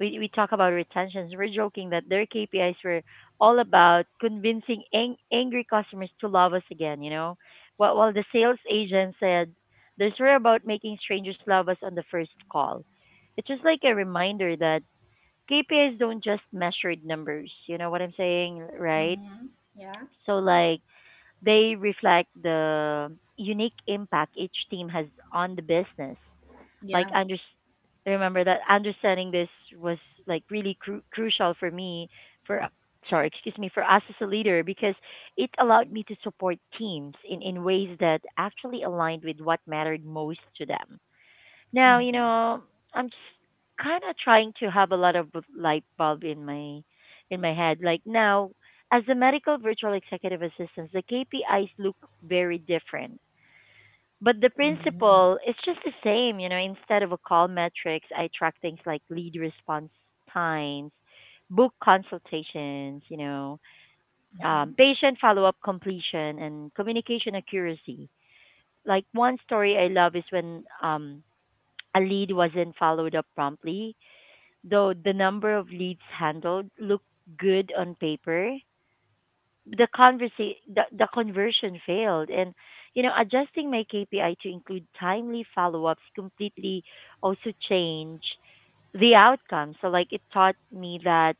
we talk about retentions. We're joking that their KPIs were all about convincing angry customers to love us again, you know? While the sales agent said, this were about making strangers love us on the first call. It's just like a reminder that KPIs don't just measure numbers. You know what I'm saying, right? Mhm. Yeah. So, like, they reflect the unique impact each team has on the business. Like, Yeah. under, remember that understanding this was like really crucial for me, for sorry, excuse me, for us as a leader, because it allowed me to support teams in ways that actually aligned with what mattered most to them. Now, you Mhm. know, I'm just kind of trying to have a lot of light bulb in my head, like, now as a medical virtual executive assistant, the KPIs look very different, but the Mhm. principle is just the same. You know, instead of a call metrics, I track things like lead response times, book consultations, you know, Mhm. patient follow up completion, and communication accuracy. Like, one story I love is when a lead wasn't followed up promptly, though the number of leads handled looked good on paper, the conversion failed. And you know, adjusting my KPI to include timely follow-ups completely also changed the outcome. So, like, it taught me that,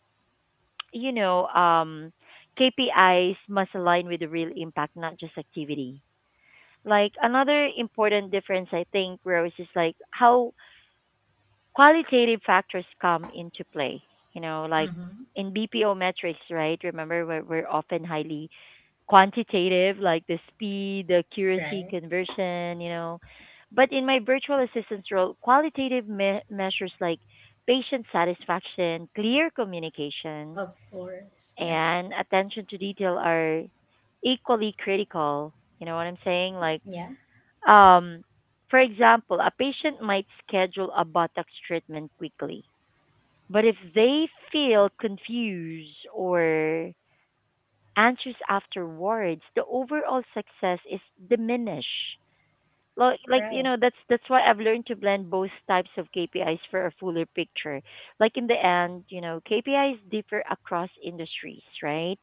you know, KPIs must align with the real impact, not just activity. Like, another important difference, I think, Rose, is like how qualitative factors come into play, you know, like Mhm. in BPO metrics, right? Remember, we're often highly quantitative, like the speed, the accuracy, Right. conversion, you know. But in my virtual assistance role, qualitative measures like patient satisfaction, clear communication, Of course. Yeah. and attention to detail are equally critical. You know what I'm saying? Like, Yeah. um, for example, a patient might schedule a Botox treatment quickly, but if they feel confused or answers afterwards, the overall success is diminished. Right. That's why I've learned to blend both types of KPIs for a fuller picture. Like in the end, you know, KPIs differ across industries, right?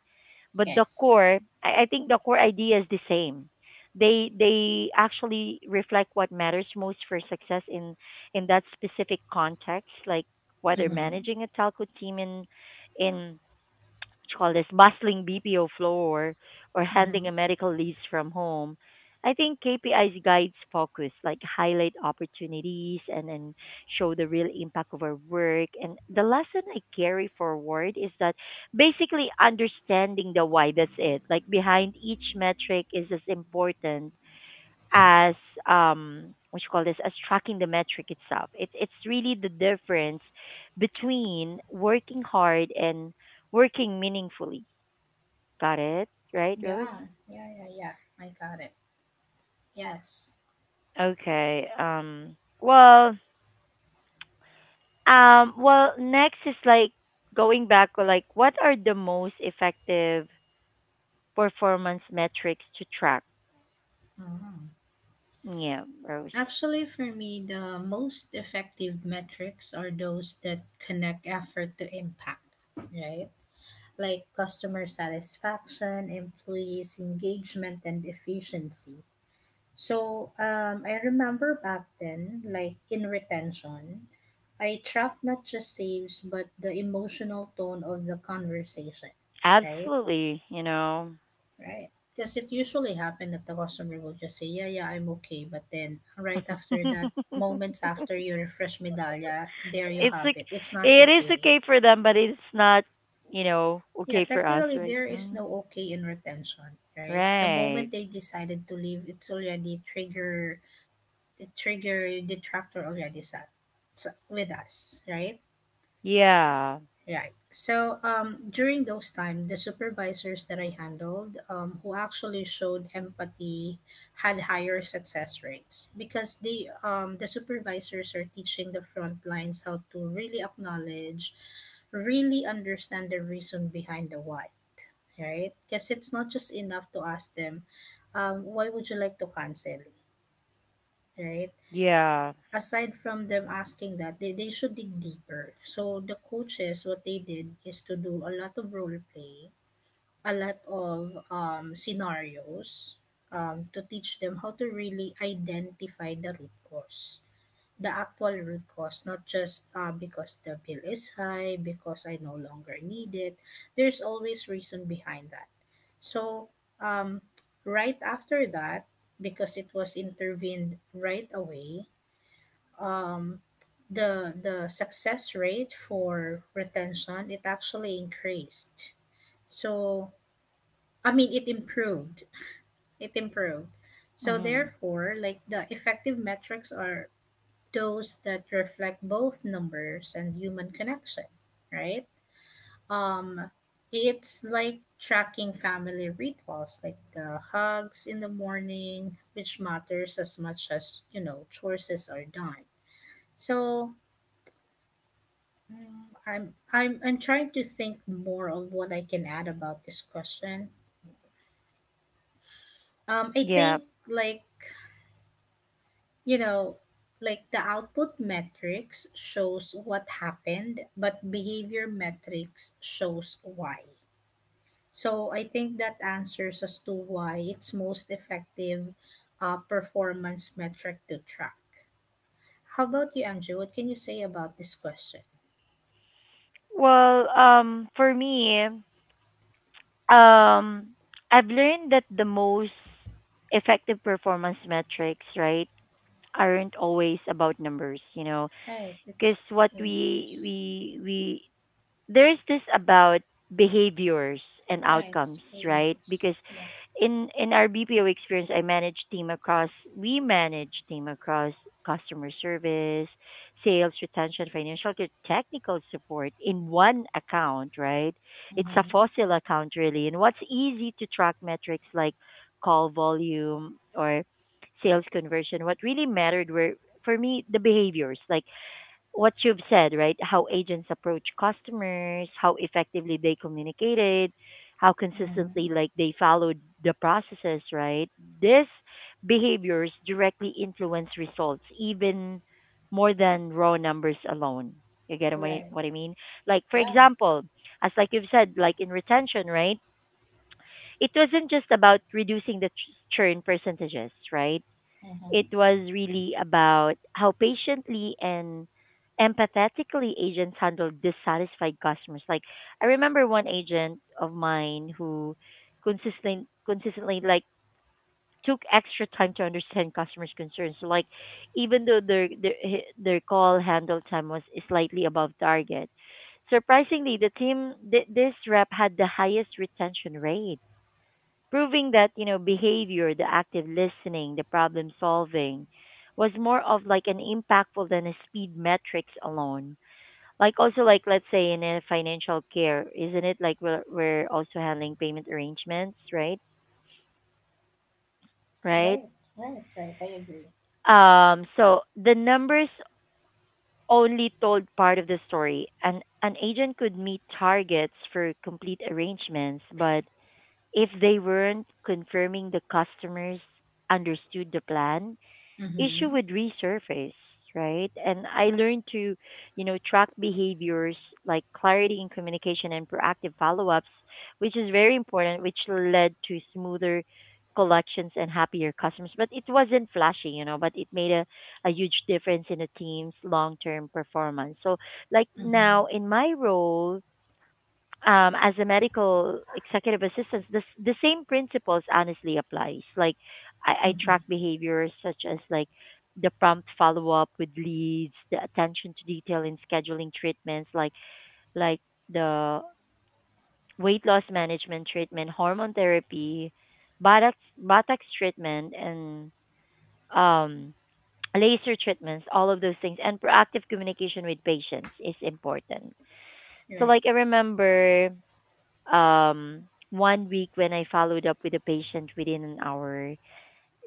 But the Yes. core, I think the core idea is the same. They actually reflect what matters most for success in that specific context, like whether Mhm. managing a telco team in you call this bustling BPO floor or handling a Mhm. medical lease from home, I think KPIs guides focus, like highlight opportunities and then show the real impact of our work. And the lesson I carry forward is that basically understanding the why, that's it. Like behind each metric is as important as what you call this as tracking the metric itself. It's really the difference between working hard and working meaningfully. Got it, right, Rose? Yeah. Yeah. Yeah. Yeah, I got it. Yes. Okay, next is like going back, like what are the most effective performance metrics to track? Mhm. Yeah, Rose. Actually, for me, the most effective metrics are those that connect effort to impact, right? Like customer satisfaction, employees' engagement, and efficiency. So, I remember back then, like in retention, I tracked not just saves, but the emotional tone of the conversation, right? Absolutely, you know. Right. Because it usually happened that the customer will just say, yeah, yeah, I'm okay. But then right after that, moments after you refresh Medallia, there you It's have like it. It's not it is okay. okay for them, but it's not, you know, Yeah, okay for us, technically right? there is Mm, no okay in retention, right? The right. moment they decided to leave, it's already trigger the trigger detractor already sat with us, right? Yeah. Right. So during those time, the supervisors that I handled, who actually showed empathy, had higher success rates because they the supervisors are teaching the front lines how to really acknowledge, really understand the reason behind the why, right? Because it's not just enough to ask them, why would you like to cancel, right? Yeah. Aside from them asking that, they should dig deeper. So the coaches, what they did is to do a lot of role play, a lot of scenarios to teach them how to really identify the root cause. The actual root cause, not just because the bill is high, because I no longer need it. There's always reason behind that. So, um, right after that, because it was intervened right away, um, the success rate for retention it actually increased. So, I mean, it improved. It improved. So Hmm. therefore, like the effective metrics are those that reflect both numbers and human connection, right? Um, it's like tracking family rituals, like the hugs in the morning, which matters as much as you know choices are done. So, I'm trying to think more of what I can add about this question. I Yeah. think like you know, like the output metrics shows what happened, but behavior metrics shows why. So I think that answers as to why it's most effective performance metric to track. How about you, MJ? What can you say about this question? Well, for me, I've learned that the most effective performance metrics, right, aren't always about numbers, you know, Right, because it's what behaviors. We there's this about behaviors and Right, it's outcomes, right? failures. Because Yeah. in our BPO experience, I manage team across we manage team across customer service, sales, retention, financial, technical support in one account, right? It's a Mm-hmm. fossil account really. And what's easy to track metrics like call volume or sales conversion. What really mattered were for me the behaviors like what you've said, right? How agents approach customers, how effectively they communicated, how Mm-hmm. consistently like they followed the processes, right? These behaviors directly influence results even more than raw numbers alone. You get what I Right. what I mean? Like for Yeah. example, as like you've said, like in retention, right? It wasn't just about reducing the churn percentages, right? It Mm-hmm. was really about how patiently and empathetically agents handle dissatisfied customers. Like I remember one agent of mine who consistently like took extra time to understand customers' concerns. So like even though their call handle time was slightly above target, surprisingly the team this rep had the highest retention rate, proving that you know behavior, the active listening, the problem solving was more of like an impactful than a speed metrics alone. Like also, like let's say in a financial care, isn't it like we're also handling payment arrangements, right? Right. Right. Right. Right. I agree. Um, so the numbers only told part of the story, and an agent could meet targets for complete arrangements, but if they weren't confirming the customers understood the plan, issue Mm-hmm. would resurface, right? And I learned to, you know, track behaviors like clarity in communication and proactive follow ups, which is very important, which led to smoother collections and happier customers. But it wasn't flashy, you know, but it made a huge difference in the team's long term performance. So, like Mm-hmm. now in my role, as a medical executive assistant, the same principles honestly applies. Like I Mm-hmm. track behaviors such as like the prompt follow up with leads, the attention to detail in scheduling treatments, like the weight loss management treatment, hormone therapy, botox botox treatment, and um, laser treatments. All of those things and proactive communication with patients is important. So Right. like I remember um, one week when I followed up with a patient within an hour,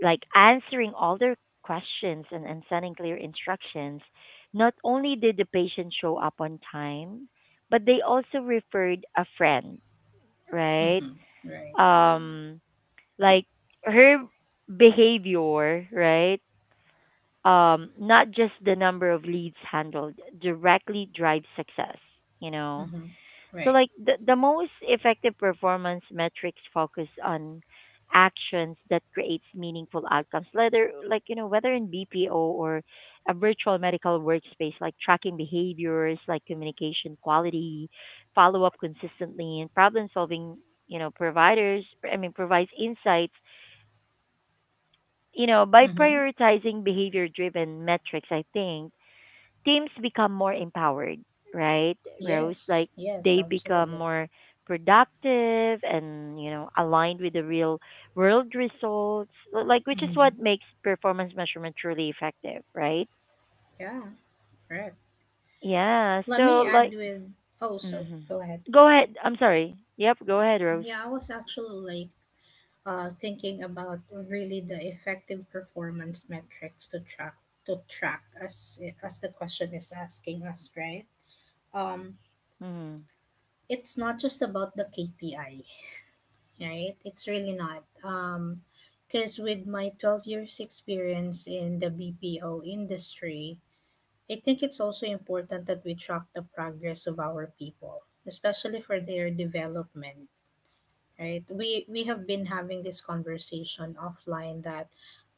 like answering all their questions and sending clear instructions, not only did the patient show up on time, but they also referred a friend, right? Mm-hmm. Right. Um, like her behavior, right? Not just the number of leads handled directly drives success, you know? Mm-hmm. So Right. like the most effective performance metrics focus on actions that creates meaningful outcomes, whether like you know, whether in BPO or a virtual medical workspace, like tracking behaviors, like communication quality, follow up consistently and problem solving, you know, providers I mean provides insights, you know, by Mm-hmm. prioritizing behavior driven metrics, I think teams become more empowered, right, Rose? Yes. Like Yes. they become Absolutely. more productive and you know aligned with the real world results like which is what Mm-hmm. makes performance measurement truly effective, right? Yeah. Correct. Yeah, Let so me add like with also. mhm. Go ahead. Go ahead, I'm sorry. Yep, go ahead, Rose. Yeah, I was actually like thinking about really the effective performance metrics to track, as the question is asking us, right? Um, Mm-hmm. it's not just about the KPI, right? It's really not. Because with my 12 years experience in the BPO industry, I think it's also important that we track the progress of our people, especially for their development, right? We have been having this conversation offline that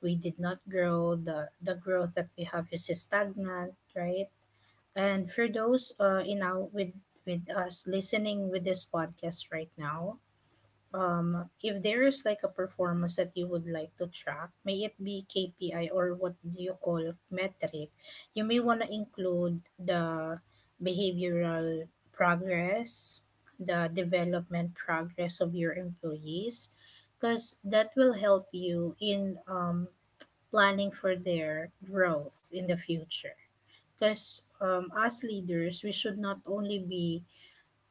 we did not grow, the growth that we have is stagnant, right? And for those you know with us listening with this podcast right now, if there is like a performance that you would like to track, may it be KPI or what do you call metric, you may want to include the behavioral progress, the development progress of your employees, because that will help you in planning for their growth in the future. Because as leaders, we should not only be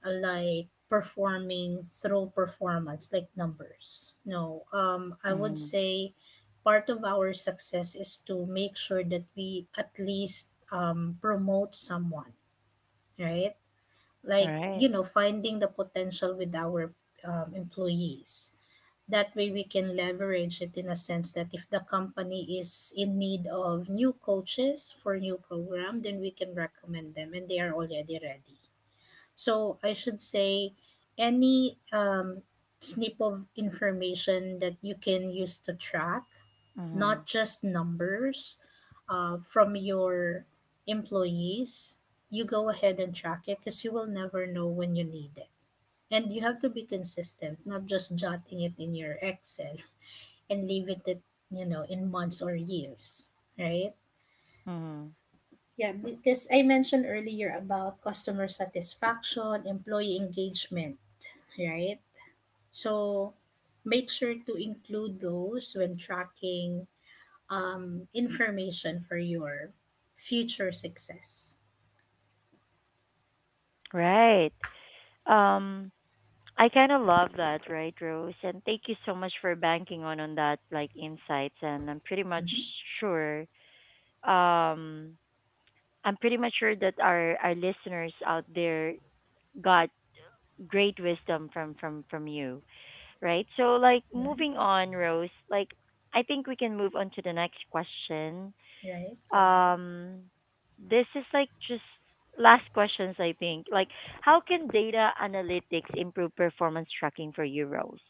like performing through performance like numbers, no. I would Mm-hmm. say part of our success is to make sure that we at least promote someone, right? All Like you right. know finding the potential with our employees, that way we can leverage it in a sense that if the company is in need of new coaches for new program, then we can recommend them and they are already ready. So I should say any snip of information that you can use to track, Mm-hmm. not just numbers from your employees, you go ahead and track it because you will never know when you need it. And you have to be consistent, not just jotting it in your Excel and leave it at, you know, in months or years, right? Mm-hmm. Yeah, because I mentioned earlier about customer satisfaction, employee engagement, right? So make sure to include those when tracking information for your future success. Right. um I kind of love that, right, Rose? And thank you so much for banking on that like insights. And Hmm. sure, um, I'm pretty much sure that our listeners out there got great wisdom from you, right? So like Right, moving on, Rose. Like I think we can move on to the next question. right. Go ahead. Um, this is like just last questions. I think like how can data analytics improve performance tracking for you, Rose?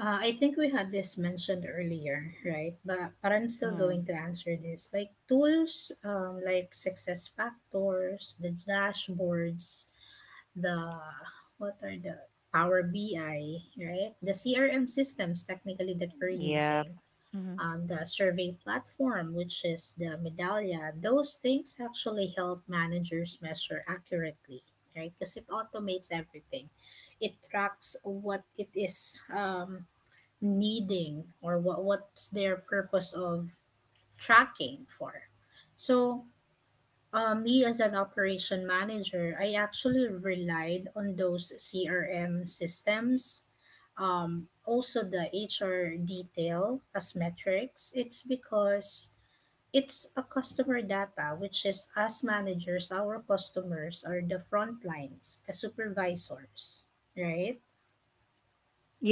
I think we had this mentioned earlier, right? But I'm still going Mm. to answer this. Like tools, like success factors, the dashboards, the what are the Power BI, right? The CRM systems technically that we're Yep. using Hmm. The survey platform, which is the Medallia, those things actually help managers measure accurately, right? Because it automates everything. It tracks what it is needing or what's their purpose of tracking for. So me as an operation manager, I actually relied on those CRM systems. Also, the HR detail as metrics. It's because it's a customer data, which is us managers, our customers are the front lines, the supervisors, right?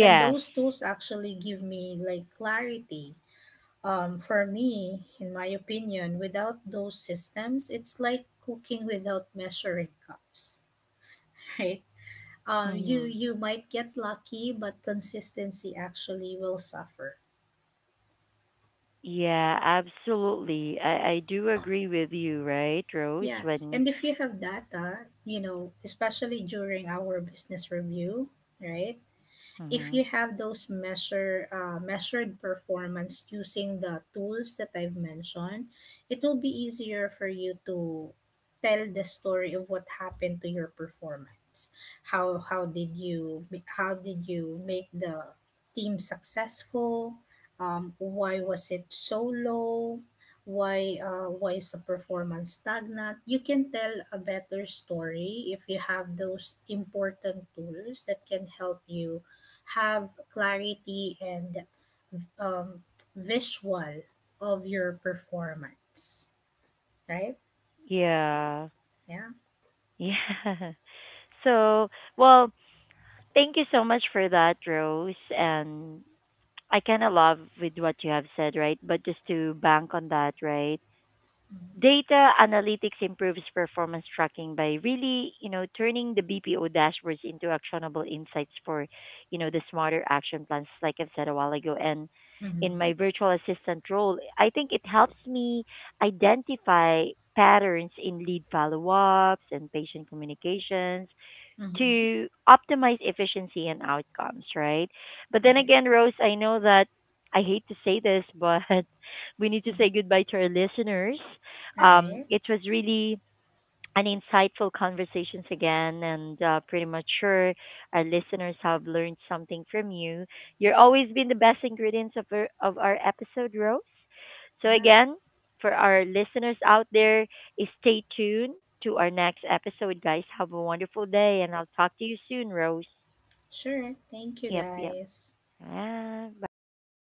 And those tools actually give me like clarity. For me, in my opinion, without those systems, it's like cooking without measuring cups, right? You Hmm. you might get lucky, but consistency actually will suffer. Yeah, absolutely. I do agree with you, right, Rose? Yeah, When, and if you have data, you know, especially during our business review, right? If hmm, you have those measured performance using the tools that I've mentioned, it will be easier for you to tell the story of what happened to your performance. How how did you how did you make the team successful? Why was it so low? Why is the performance stagnant? You can tell a better story if you have those important tools that can help you have clarity and um, visual of your performance, right? yeah, Yeah. yeah. So, well, thank you so much for that, Rose. And I kind of love with what you have said, right? But just to bank on that, right? Mm-hmm. Data analytics improves performance tracking by really, you know, turning the BPO dashboards into actionable insights for, you know, the smarter action plans, like I've said a while ago. And in Mm-hmm. my virtual assistant role, I think it helps me identify patterns in lead follow ups and patient communications Mm-hmm. to optimize efficiency and outcomes, right? But then Right. again, Rose, I know that I hate to say this, but we need to Mm-hmm. say goodbye to our listeners. Right. It was really and insightful conversations again. And pretty much sure our listeners have learned something from you. You're always been the best ingredients of of our episode, Rose. So Yeah. again, for our listeners out there, eh, stay tuned to our next episode, guys. Have a wonderful day, and I'll talk to you soon, Rose. Sure. Thank you, Yep, yep. guys. Ah, bye.